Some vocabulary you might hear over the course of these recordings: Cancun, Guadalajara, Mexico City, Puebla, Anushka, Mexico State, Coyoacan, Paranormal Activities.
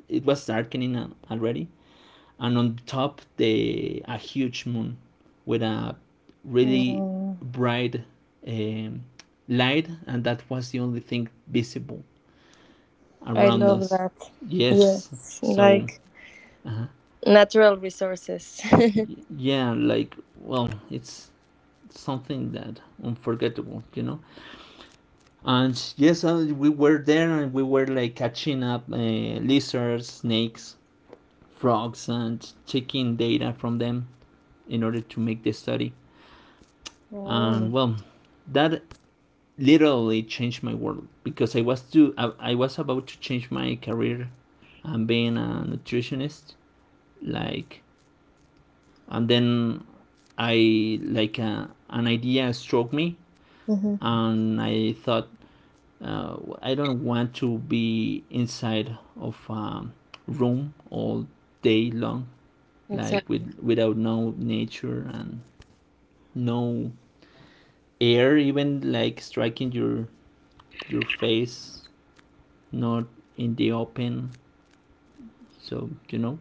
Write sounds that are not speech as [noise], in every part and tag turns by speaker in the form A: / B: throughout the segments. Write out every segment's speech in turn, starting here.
A: it was darkening already, and on top the a huge moon with a really
B: Mm,
A: bright um, light, and that was the only thing visible
B: I
A: around
B: love
A: us.
B: that.
A: Yes,
B: Yes.
A: so
B: Like
A: uh,
B: natural resources.
A: yeah, like, well, it's something that unforgettable. And yes, we were there, and we were like catching up lizards, snakes, frogs, and taking data from them in order to make the study.
B: [laughs] Oh.
A: And well, that literally changed my world because I was about to change my career and being a nutritionist, like, and then I like a an idea struck me,
B: Mm-hmm.
A: and I thought, I don't want to be inside of a room all day long, like,
B: Exactly.
A: with without no nature and no air, even like striking your face, not in the open, so you know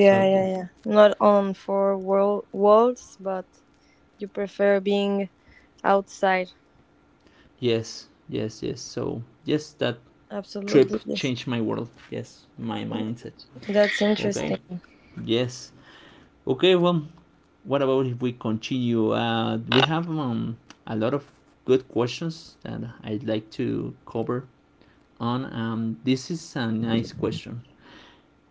A: so
B: yeah, yeah. Not on walls, but you prefer being outside.
A: yes, yes, yes, so yes, that trip
B: Absolutely, yes.
A: changed my world. Yes, my mindset.
B: That's
A: Okay.
B: interesting.
A: Yes. Okay, well, what about if we continue? We have a lot of good questions that I'd like to cover on. This is a nice question.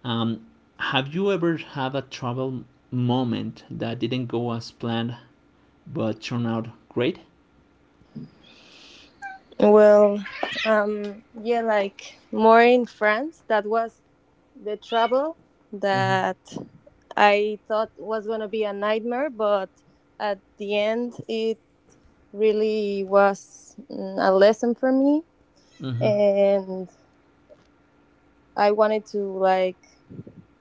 A: um have you ever had a travel moment that didn't go as planned but turned out great?
B: Well, yeah, like more in France. That was the trouble
A: Mm-hmm.
B: that I thought was gonna be a nightmare, but at the end, it really was a lesson for me,
A: Mm-hmm.
B: and I wanted to like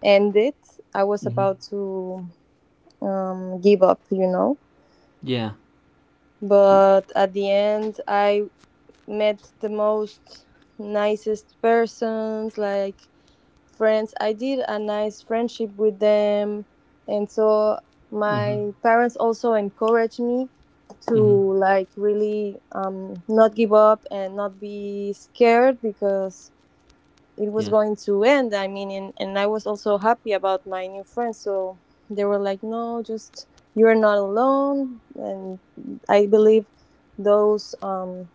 B: end it. I was
A: Mm-hmm.
B: about to give up, you know,
A: Yeah. Y-
B: but at the end, I met the most nicest persons, like friends. I did a nice friendship with them, and so
A: Mm-hmm.
B: my parents also encouraged me to
A: Mm-hmm.
B: like really not give up and not be scared because it was
A: Yeah.
B: going to end. I mean, and I was also happy about my new friends, so they were like, "No, just you're not alone," and I believe those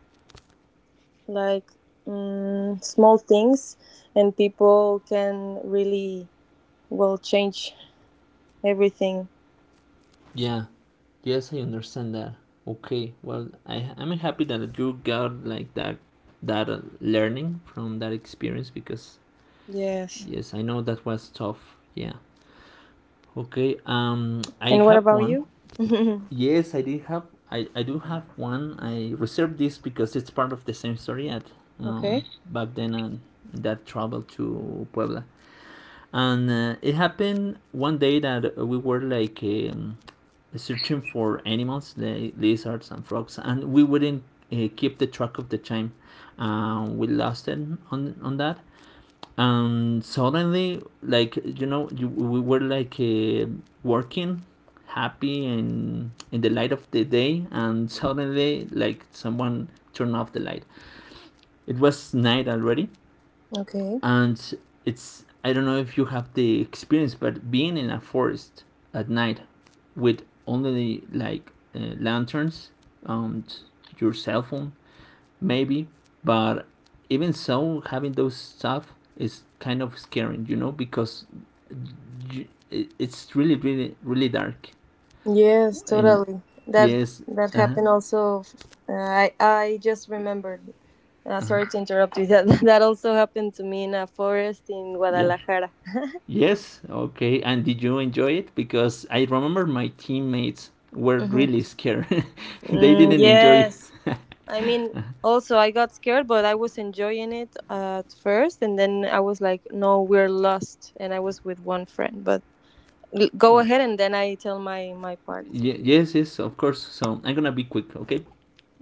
B: like small things and people can really will change everything.
A: Yeah. Yes, I understand that. Okay. Well, I'm happy that you got like that learning from that experience because
B: Yes.
A: yes, I know that was tough. Yeah. Okay. I
B: And what
A: have
B: about
A: one.
B: you? [laughs]
A: Yes, I do have one. I reserved this because it's part of the same story at
B: Okay.
A: back then, and that travel to Puebla. And it happened one day that we were like searching for animals, lizards and frogs, and we wouldn't keep the track of the time. We lost it on that, and suddenly, like, you know, we were like, working, happy and in the light of the day, and suddenly, like, someone turned off the light. It was night already,
B: Okay.
A: and it's I don't know if you have the experience, but being in a forest at night with only like, lanterns and your cell phone, maybe, but even so, having those stuff is kind of scary, you know, because it's really, really, really dark.
B: Yes,
A: And
B: totally. That
A: yes.
B: that
A: Uh huh.
B: happened also. I just remembered.
A: Uh huh.
B: Sorry to interrupt you. That [laughs] that also happened to me in a forest in
A: Yeah.
B: Guadalajara.
A: Yes. Okay. And did you enjoy it? Because I remember my teammates were
B: Mhm.
A: really scared. [laughs] [laughs] They
B: Mm,
A: didn't enjoy.
B: yes. I mean, also I got scared, but I was enjoying it at first, and then I was like, "No, we're lost," and I was with one friend. But go
A: Uh,
B: ahead, and then I tell my part.
A: yes, yes, of course. So I'm gonna be quick, okay?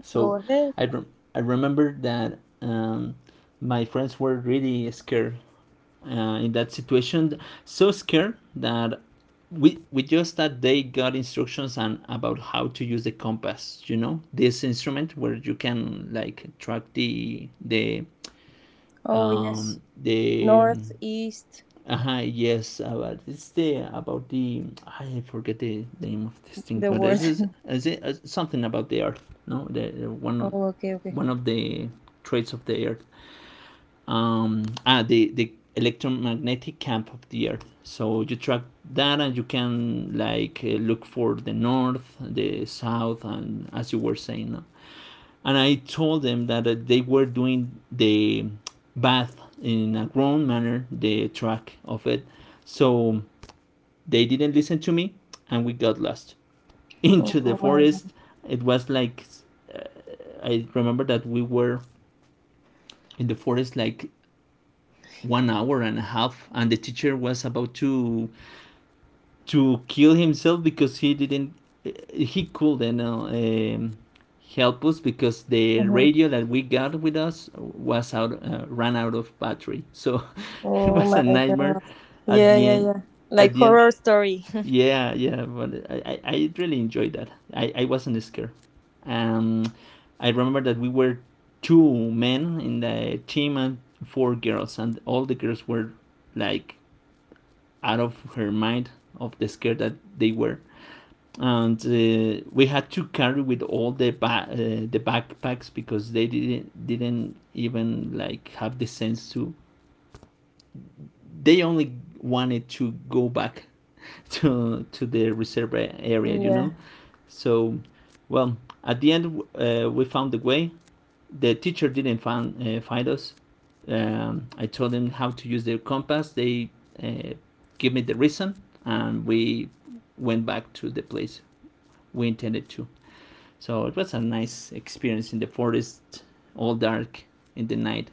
A: So
B: Go ahead.
A: I rem- I remember that, my friends were really scared in that situation, so scared that we just that they got instructions and about how to use the compass. You know, this instrument where you can like track the the
B: Oh,
A: um,
B: yes.
A: the um,
B: North, east,
A: Uh-huh, yes, about it's the about the I forget the name of this thing,
B: the
A: but this
B: word. [laughs]
A: is it is something about the earth? No, the one
B: Oh, okay, okay.
A: one of the traits of the earth. The electromagnetic camp of the earth. So you track that, and you can like, look for the north, the south, and as you were saying, no? And I told them that they were doing the bath in a grown manner, the track of it. So they didn't listen to me, and we got lost [laughs] into the
B: Oh my
A: forest.
B: god.
A: It was like, uh, I remember that we were in the forest like 1 hour and a half, and the teacher was about to kill himself because he couldn't, help us because the
B: Mhm.
A: radio that we got with us was out ran out of battery, so [laughs] it
B: Oh
A: was a
B: my
A: nightmare
B: god.
A: at
B: Yeah,
A: the
B: yeah,
A: end.
B: yeah. Like
A: at the end
B: horror story.
A: Yeah, yeah, but I really enjoyed that. I wasn't scared. Um, I remember that we were two men in the team and four girls, and all the girls were like out of her mind of the scare that they were. And we had to carry with all the backpacks because they didn't even like have the sense to. They only wanted to go back [laughs] to the reserve
B: [laughs]
A: area, you know.
B: Yeah.
A: So, well, at the end, we found the way. The teacher didn't find us. I told them how to use their compass. They uh, gave me the reason, and we went back to the place we intended to. So it was a nice experience in the forest, all dark in the night.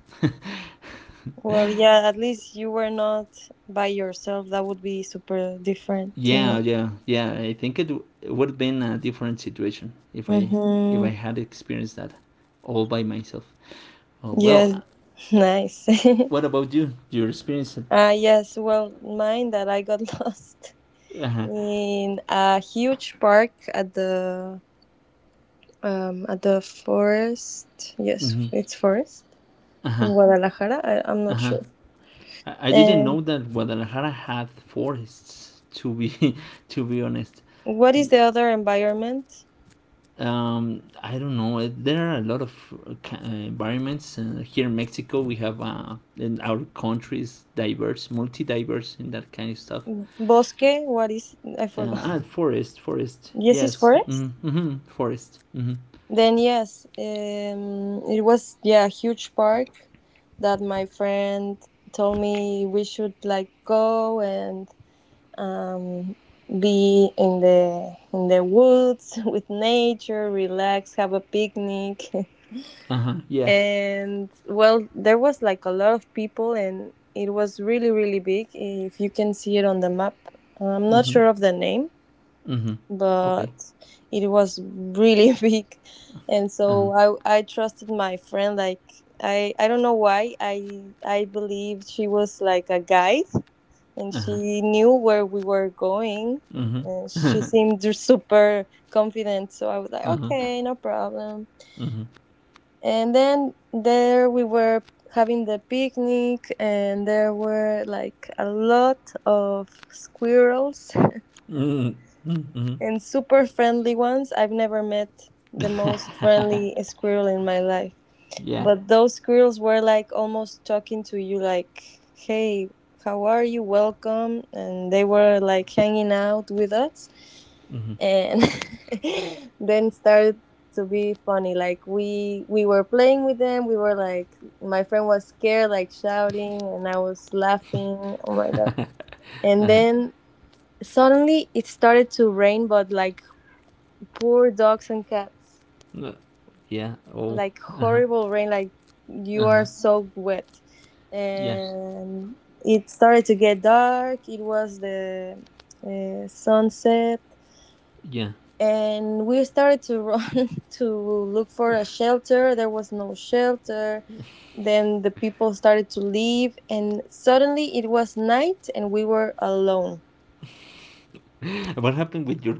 B: Well, yeah, at least you were not by yourself. That would be super different, you
A: Yeah,
B: know.
A: yeah, yeah. I think it would have been a different situation if I
B: Mm-hmm.
A: had experienced that all by myself. Oh,
B: Yes,
A: well,
B: [laughs] nice. [laughs]
A: what about you? Your experience?
B: Uh, yes, well, mine that I got [laughs] lost
A: Uh huh.
B: in a huge park at the forest. Yes,
A: Hmm.
B: it's forest
A: Uh huh.
B: in Guadalajara. I'm
A: Uh
B: not
A: huh.
B: sure.
A: I didn't
B: And
A: know that Guadalajara had forests. To be [laughs] to be honest,
B: what is the other environment?
A: I don't know. There are a lot of environments here in Mexico. We have in our country is diverse, multi-diverse in that kind of stuff.
B: Bosque. What is? I
A: Uh,
B: forgot.
A: ah,
B: [laughs]
A: forest, forest.
B: Yes, it's
A: Yes.
B: forest.
A: Mm-hmm. Mm-hmm. Forest. Mm-hmm.
B: Then yes, it was yeah a huge park that my friend told me we should like go and um, be in the woods [laughs] with nature, relax, have a picnic. [laughs]
A: Uh huh. Yeah.
B: And well, there was like a lot of people, and it was really, really big. If you can see it on the map, I'm not
A: Mm-hmm.
B: sure of the name,
A: Mm-hmm.
B: but
A: Okay.
B: it was really [laughs] big. And
A: Uh huh.
B: so I trusted my friend. Like, I don't know why I believed she was like a guide and
A: Uh huh.
B: she knew where we were going,
A: Mm-hmm.
B: and she seemed super confident. So I was like,
A: Uh huh.
B: okay, no problem.
A: Mm-hmm.
B: And then there we were, having the picnic, and there were like a lot of squirrels,
A: Mm-hmm. Mm-hmm.
B: and super friendly ones. I've never met the most friendly squirrel in my life,
A: Yeah.
B: but those squirrels were like almost talking to you, like, hey, how are you? Welcome. And they were like hanging out with us,
A: Mm-hmm.
B: and [laughs] then started to be funny. Like, we were playing with them. We were like, my friend was scared, like shouting, and I was laughing. Oh my god. And then suddenly it started to rain, but like poor dogs and cats,
A: Yeah. Oh.
B: like horrible rain, like you
A: Uh huh.
B: are so wet.
A: Yeah.
B: And it started to get dark. It was the sunset,
A: Yeah.
B: and we started to run [laughs] to look for a shelter. There was no shelter. Then the people started to leave, and suddenly it was night and we were alone.
A: What happened with your?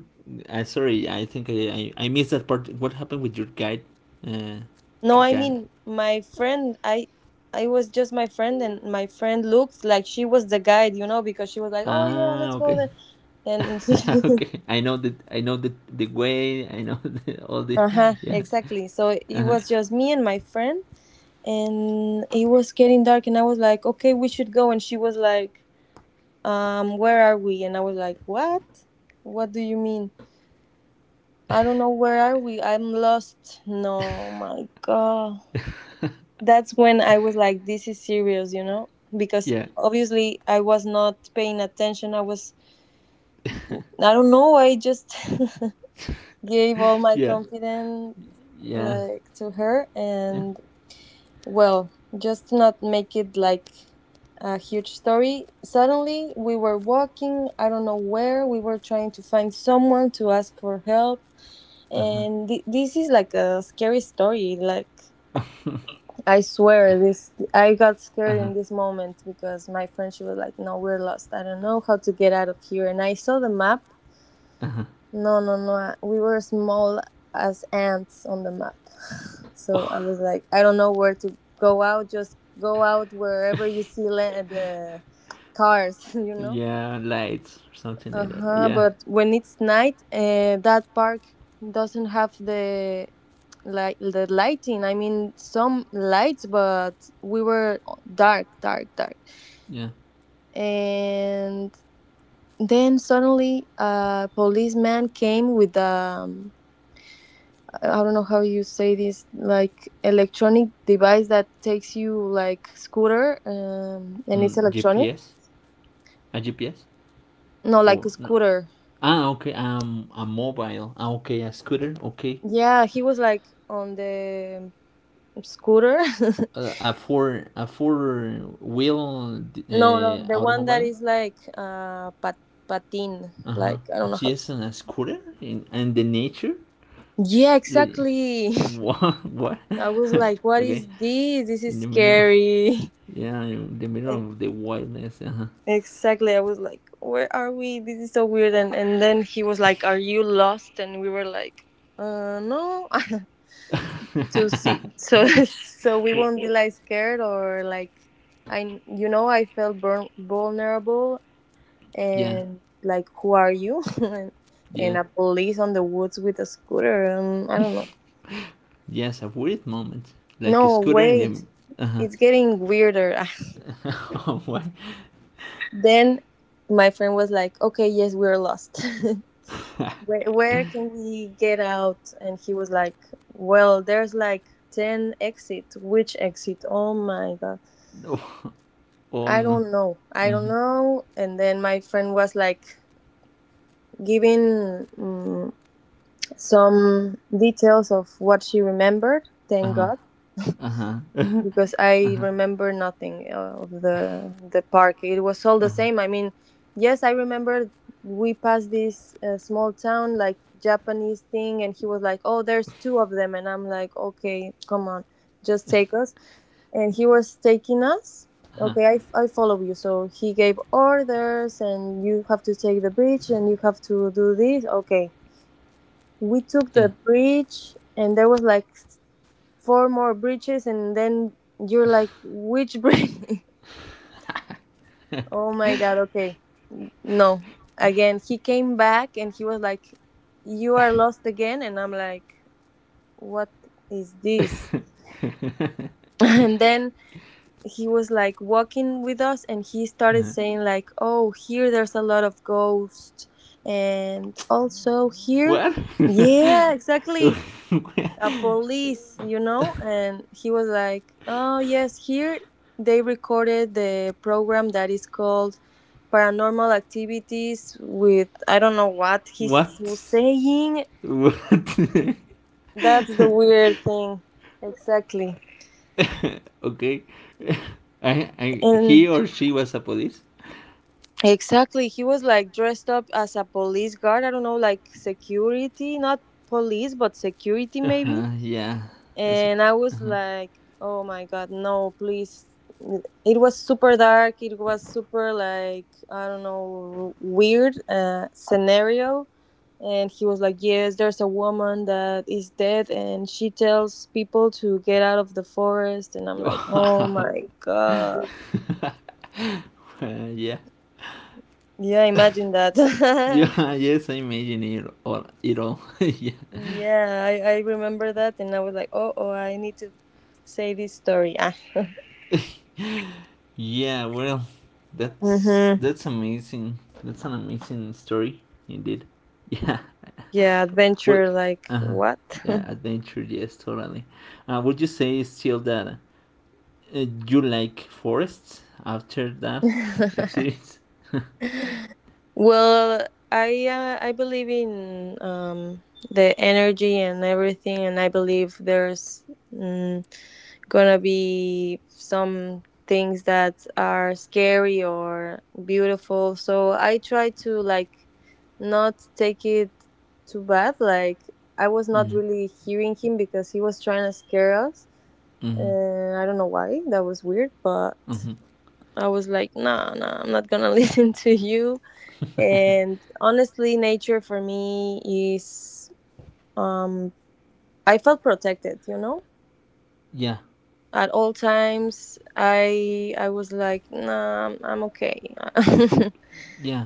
A: Sorry, I think I missed that part. What happened with your guide? Uh,
B: No,
A: your
B: I
A: guide.
B: mean, my friend, I was just my friend, and my friend looked like she was the guide, you know, because she was like, oh yeah, let's
A: Ah.
B: go
A: Okay.
B: there. And
A: [laughs] Okay. I know that. I know the way. I know [laughs] all
B: [laughs]
A: the.
B: uh-huh,
A: Yeah.
B: exactly. So
A: Uh
B: it
A: huh.
B: was just me and my friend, and it was getting dark, and I was like, okay, we should go. And she was like, um, where are we? And I was like, what do you mean? I don't know where are we. I'm lost. No, my god.
A: [laughs]
B: That's when I was like, this is serious, you know, because
A: Yeah.
B: obviously I was not paying attention. I was,
A: [laughs]
B: I don't know, I just [laughs] gave all my
A: Yeah.
B: confidence like to her. And well, just to not make it like a huge story, suddenly we were walking, I don't know where, we were trying to find someone to ask for help.
A: Uh huh.
B: And this is like a scary story. Like, I swear, this I got scared in this moment because my friend, she was like, No, we're lost. I don't know how to get out of here. And I saw the map.
A: Uh huh.
B: No, no, no. We were small as ants on the map. [laughs] So I was like, I don't know where to go out. Just go out wherever you see the cars, [laughs] you know?
A: Yeah, lights or something
B: Uh
A: like that.
B: huh.
A: Yeah,
B: But when it's night, that park doesn't have the like the lighting. I mean, some lights, but we were dark, dark, dark.
A: yeah.
B: And then suddenly, a policeman came with a, I don't know how you say this, like electronic device that takes you like scooter, and it's
A: Mm,
B: electronic.
A: GPS, a GPS
B: No, like
A: or
B: a
A: no?
B: scooter.
A: Ah, okay. A mobile. Ah, okay, a scooter. Okay,
B: Yeah, he was like on the scooter. [laughs]
A: a four wheel
B: No, no, the one that
A: automobile.
B: is like uh, pat- patin.
A: Uh huh.
B: Like, I
A: A
B: don't know how. To...
A: GPS and a scooter in and the nature.
B: Yeah,
A: Like,
B: exactly. [laughs]
A: what? [laughs] What?
B: I was like,
A: [laughs]
B: what
A: Okay,
B: is this? This is
A: in the middle. [laughs]
B: scary. [laughs]
A: Yeah, in the middle
B: And
A: of the wilderness. Uh
B: exactly, I was like, where are we? This is so weird. And then he was like, are you lost? And we were like, no. [laughs] To
A: huh.
B: see. So, [laughs] so we won't be
A: [laughs]
B: like scared or like, I, you know, I felt burn, vulnerable
A: Yeah,
B: and like, who are you? [laughs] And
A: yeah.
B: a police on the woods with a scooter. I don't know.
A: Yes, a weird moment. Like a
B: No,
A: scooter in
B: wait.
A: the. Uh huh.
B: It's getting weirder.
A: [laughs] Oh, what?
B: [laughs] Then my friend was like, okay, yes, we're lost. [laughs] Where can we get out? And he was like, well, there's like 10 exit. Which exit? Oh my God.
A: Oh, oh
B: I
A: no.
B: don't know. I don't
A: Mm-hmm.
B: know. And then my friend was like giving some details of what she remembered.
A: Uh
B: Thank
A: huh.
B: God.
A: Uh huh.
B: Because I remember nothing of the park. It was all
A: Uh
B: the
A: huh.
B: same. I mean, yes, I remember we passed this small town like Japanese thing, and he was like, "Oh, there's two of them," and I'm like, "Okay, come on, just take us." And he was taking us. Okay, I follow you. So he gave orders, and you have to take the bridge, and you have to do this. Okay, we took
A: Yeah.
B: the bridge, and there was like four more breaches, and then you're like, which breach? [laughs] Oh my god. Okay, no, again he came back, and he was like, you are lost again. And I'm like, what is this?
A: [laughs]
B: [laughs] And then he was like walking with us, and he started saying like, oh, here there's a lot of ghosts, and also here.
A: What?
B: [laughs]
A: [laughs]
B: Yeah, exactly. A police, you know, and he was like, "Oh yes, here they recorded the program that is called Paranormal Activities with I don't know what he
A: What?
B: was saying.
A: What?
B: That's the weird thing." Exactly.
A: [laughs] Okay. He
B: And
A: or she was a police?
B: exactly, he was like dressed up as a police guard. I don't know, like security, not police, but security
A: Uh
B: maybe.
A: huh. Yeah. That's a.
B: And I was
A: Uh-huh.
B: like, oh my god, no, please. It was super dark. It was super like, I don't know, weird scenario, and he was like, yes, there's a woman that is dead, and she tells people to get out of the forest, and I'm like, oh my god, yeah, imagine that.
A: [laughs] Yeah. Yes, I imagine it all. It all. [laughs] Yeah.
B: [laughs] Yeah, I remember that, and I was like, oh, oh, I need to say this story. Ah.
A: [laughs] Yeah, well, that's
B: Hmm.
A: that's amazing. That's an amazing story indeed. Yeah. [laughs]
B: Yeah,
A: Well,
B: adventure, like
A: uh,
B: what?
A: yeah, adventure. Yes, totally. Would you say still that you like forests after that
B: [laughs]
A: experience? [laughs]
B: Well, I believe in the energy and everything, and I believe there's mm, gonna be some things that are scary or beautiful. So I try to like not take it too bad. Like I was not
A: Mm-hmm.
B: really hearing him because he was trying to scare us,
A: Mm-hmm.
B: and I don't know why. That was weird, but
A: Mm-hmm.
B: I was like, nah, nah, I'm not gonna [laughs] listen to you. And honestly, nature for me is, um, I felt protected, you know.
A: Yeah.
B: At all times, I was like, nah, I'm okay. [laughs]
A: Yeah.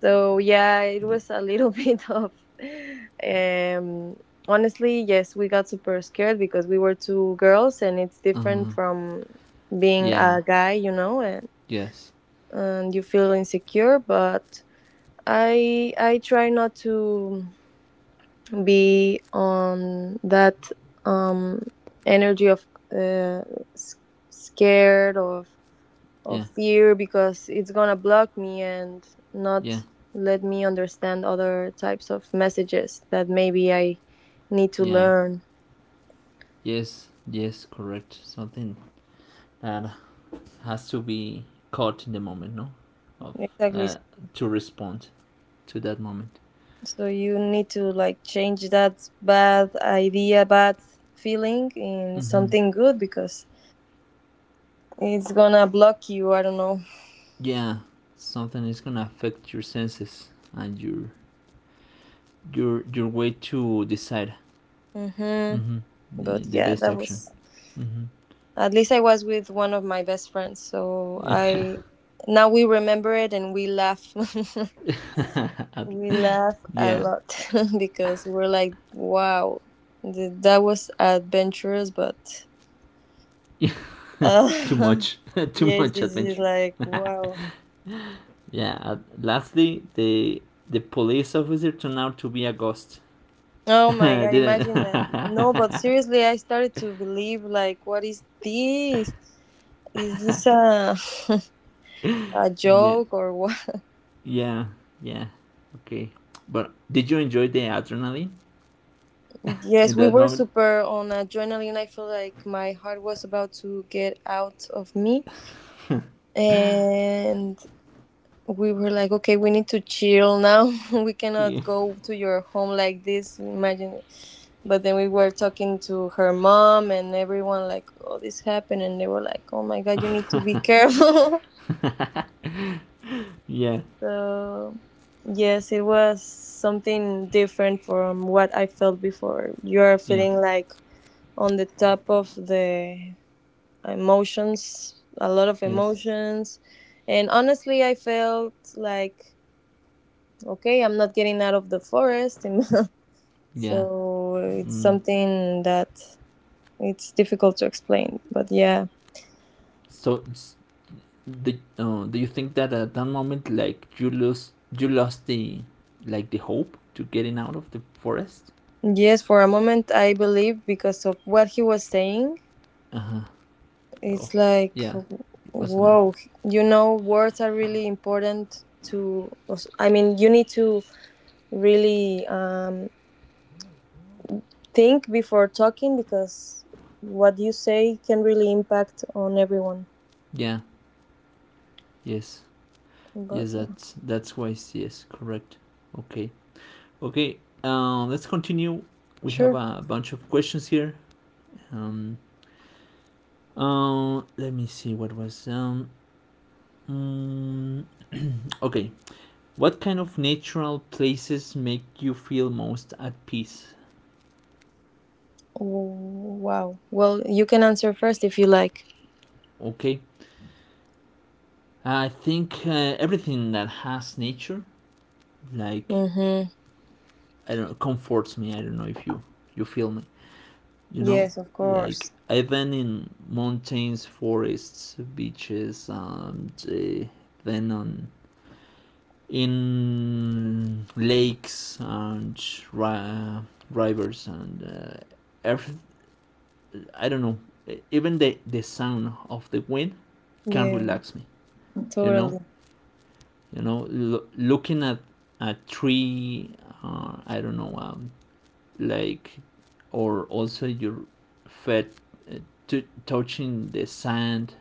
B: So yeah, it
A: D-
B: was a little [laughs] bit of, um, honestly, yes, we got super scared because we were two girls, and it's different
A: Uh,
B: from being
A: yeah.
B: a guy, you know,
A: Yes.
B: and you feel insecure, but I try not to be on that um, energy of uh, s- scared of
A: Yeah.
B: fear because it's gonna block me and
A: Yeah.
B: not let me understand other types of messages that maybe I need to
A: Yeah.
B: learn.
A: Yes. Yes. Correct. Something that has to be caught in the moment, no, of
B: Exactly.
A: uh,
B: So
A: to respond to that moment.
B: so you need to like change that bad idea, bad feeling in
A: Mm-hmm.
B: something good because it's gonna block you. I don't know.
A: Yeah, something is gonna affect your senses and your way to decide.
B: Mm-hmm.
A: Mm-hmm. the,
B: But
A: the
B: yeah,
A: best
B: that
A: option.
B: was
A: Mm-hmm.
B: at least I was with one of my best friends. So
A: Yeah.
B: I now we remember it and we laugh.
A: [laughs]
B: [laughs]
A: At-
B: We laugh a
A: yeah,
B: lot [laughs] because we're like, wow, that was adventurous, but uh,
A: too
B: [laughs]
A: much, [laughs] too
B: yes,
A: much
B: this is
A: adventure.
B: like, wow.
A: Yeah. Lastly, the police officer turned out to be a ghost.
B: Oh
A: [laughs]
B: my God,
A: Didn't.
B: imagine that.
A: [laughs]
B: No, but seriously, I started to believe like, what is this? Is this a [laughs] a
A: Yeah,
B: joke or what?
A: yeah, yeah. Okay. But did you enjoy the adrenaline
B: Yes,
A: in
B: we
A: that
B: were
A: moment?
B: super on adrenaline. I feel like my heart was about to get out of me. And we were like, okay, we need to chill now. [laughs] We
A: Yeah.
B: cannot go to your home like this. Imagine. But then we were talking to her mom and everyone, like, oh, this happened. And they were like, oh my God, you need to be
A: [laughs]
B: careful.
A: Yeah.
B: [laughs] So, yes, it was something different from what I felt before. You're
A: Yeah.
B: feeling like on the top of the emotions, a lot of
A: Yes.
B: emotions. And honestly, I felt like, okay, I'm not getting out of the forest. [laughs]
A: Yeah.
B: So it's
A: Mm.
B: something that it's difficult to explain. But yeah,
A: So, s- do you think that at that moment, like, you lost the, like, the hope to getting out of the forest?
B: yes, for a moment, I believed because of what he was saying,
A: Uh huh. Oh,
B: it's like,
A: yeah. It was enough.
B: whoa, you know, words are really important to, I mean, you need to really think before talking because what you say can really impact on everyone.
A: Yeah. Yes. Yes.
B: But yeah,
A: That's wise. Yes. Correct. Okay. Okay. Let's continue. We have
B: sure.
A: a bunch of questions here. Um, let me see what was mm, [clears throat] okay, what kind of natural places make you feel most at peace?
B: Oh, wow. Well, you can answer first if you like.
A: Okay, I think everything that has nature, like,
B: Mm-hmm.
A: I don't know, comforts me. I don't know if you feel me. You know,
B: Yes, of
A: like,
B: course.
A: I've been in mountains, forests, beaches, and then on in lakes and ri- uh, rivers and earth. I don't know. Even the sound of the wind can
B: Yeah,
A: relax me. You know.
B: totally.
A: Looking at a tree. I don't know, like, or also your feet, uh, touching the sand,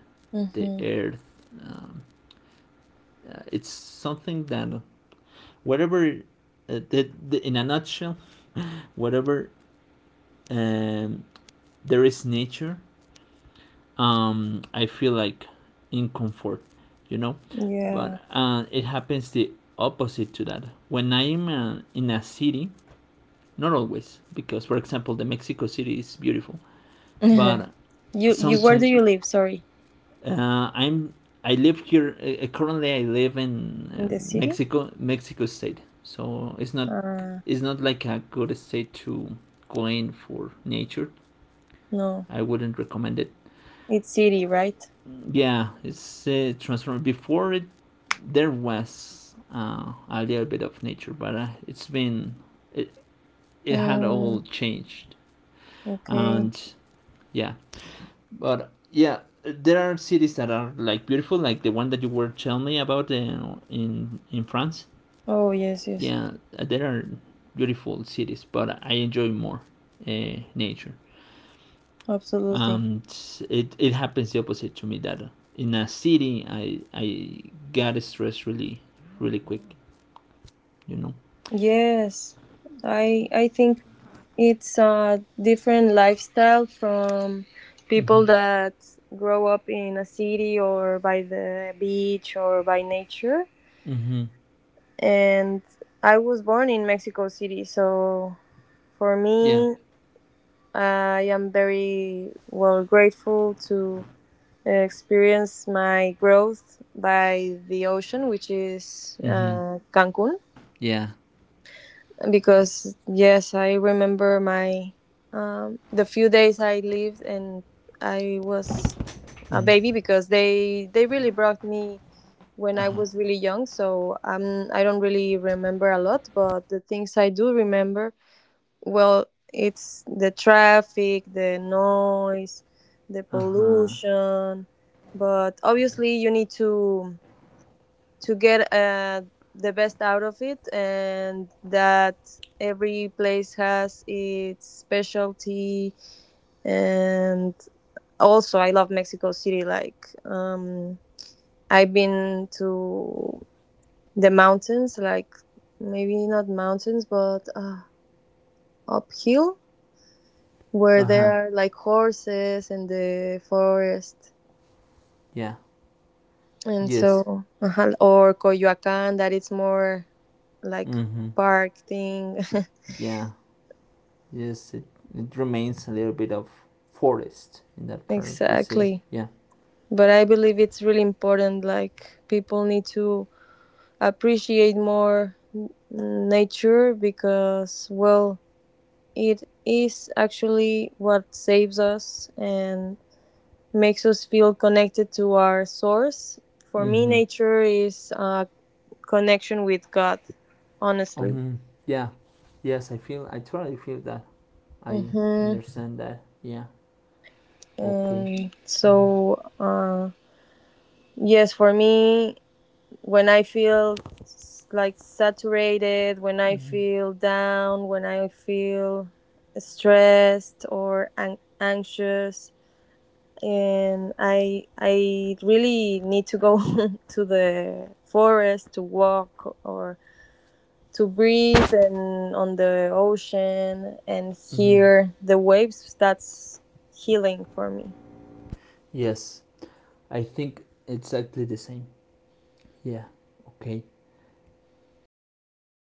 A: the
B: Mm-hmm.
A: earth. Um, it's something that whatever in a nutshell, whatever um, there is nature. I feel like in comfort, you know, but
B: Yeah.
A: it happens the opposite to that. When I am in a city, not always, because for example, the Mexico City is beautiful,
B: [laughs] you
A: but
B: you where do
A: something
B: you live? Sorry,
A: uh, I'm I live here currently. I live in
B: in the city?
A: Mexico, Mexico State, so
B: Uh,
A: it's not like a good state to go in for nature.
B: no,
A: I wouldn't recommend it.
B: it's city, right?
A: Yeah, it's transformed. Before it, there was a little bit of nature, but it's been it it had all
B: Mm,
A: changed.
B: okay.
A: And yeah, but yeah, there are cities that are like beautiful, like the one that you were telling me about in in France.
B: Oh yes, yes,
A: Yeah, there are beautiful cities, but I enjoy more nature.
B: absolutely.
A: And it happens the opposite to me that in a city I got stressed really, really quick, you know.
B: Yes, I think it's a different lifestyle from people
A: Mm-hmm.
B: that grow up in a city or by the beach or by nature.
A: Mm-hmm.
B: And I was born in Mexico City, so for
A: Yeah.
B: me, I am very well grateful to experience my growth by the ocean, which is
A: Mm-hmm.
B: Cancun,
A: Yeah.
B: because yes, I remember my the few days I lived and I was a
A: Hmm.
B: baby because they really brought me when I
A: Uh-huh.
B: was really young. So I don't really remember a lot, but the things I do remember, well, it's the traffic, the noise, the
A: Uh-huh.
B: pollution. But obviously you need to get the best out of it, and that every place has its specialty. And also I love Mexico City. Like, um, I've been to the mountains, like maybe not mountains but uphill, where there
A: Uh-huh.
B: are like horses in the forest,
A: Yeah.
B: and
A: Yes.
B: so or coyoacan that it's more like
A: Mm-hmm.
B: park thing. [laughs]
A: Yeah. Yes, it remains a little bit of forest in that part of the city.
B: Exactly.
A: Yeah.
B: But I believe it's really important. Like, people need to appreciate more nature because, well, it is actually what saves us and makes us feel connected to our source. For me,
A: Mm-hmm.
B: nature is a connection with God, honestly.
A: Mm-hmm. Yeah. Yes, I totally feel that. I
B: Mm-hmm.
A: understand that. Yeah. Okay.
B: And
A: Mm-hmm.
B: so, yes, for me, when I feel like saturated, when I
A: Mm-hmm.
B: feel down, when I feel stressed or anxious, and I really need to go [laughs] to the forest to walk or to breathe and on the ocean and
A: Mm-hmm.
B: hear the waves. That's healing for me.
A: Yes, I think exactly the same. Yeah, okay.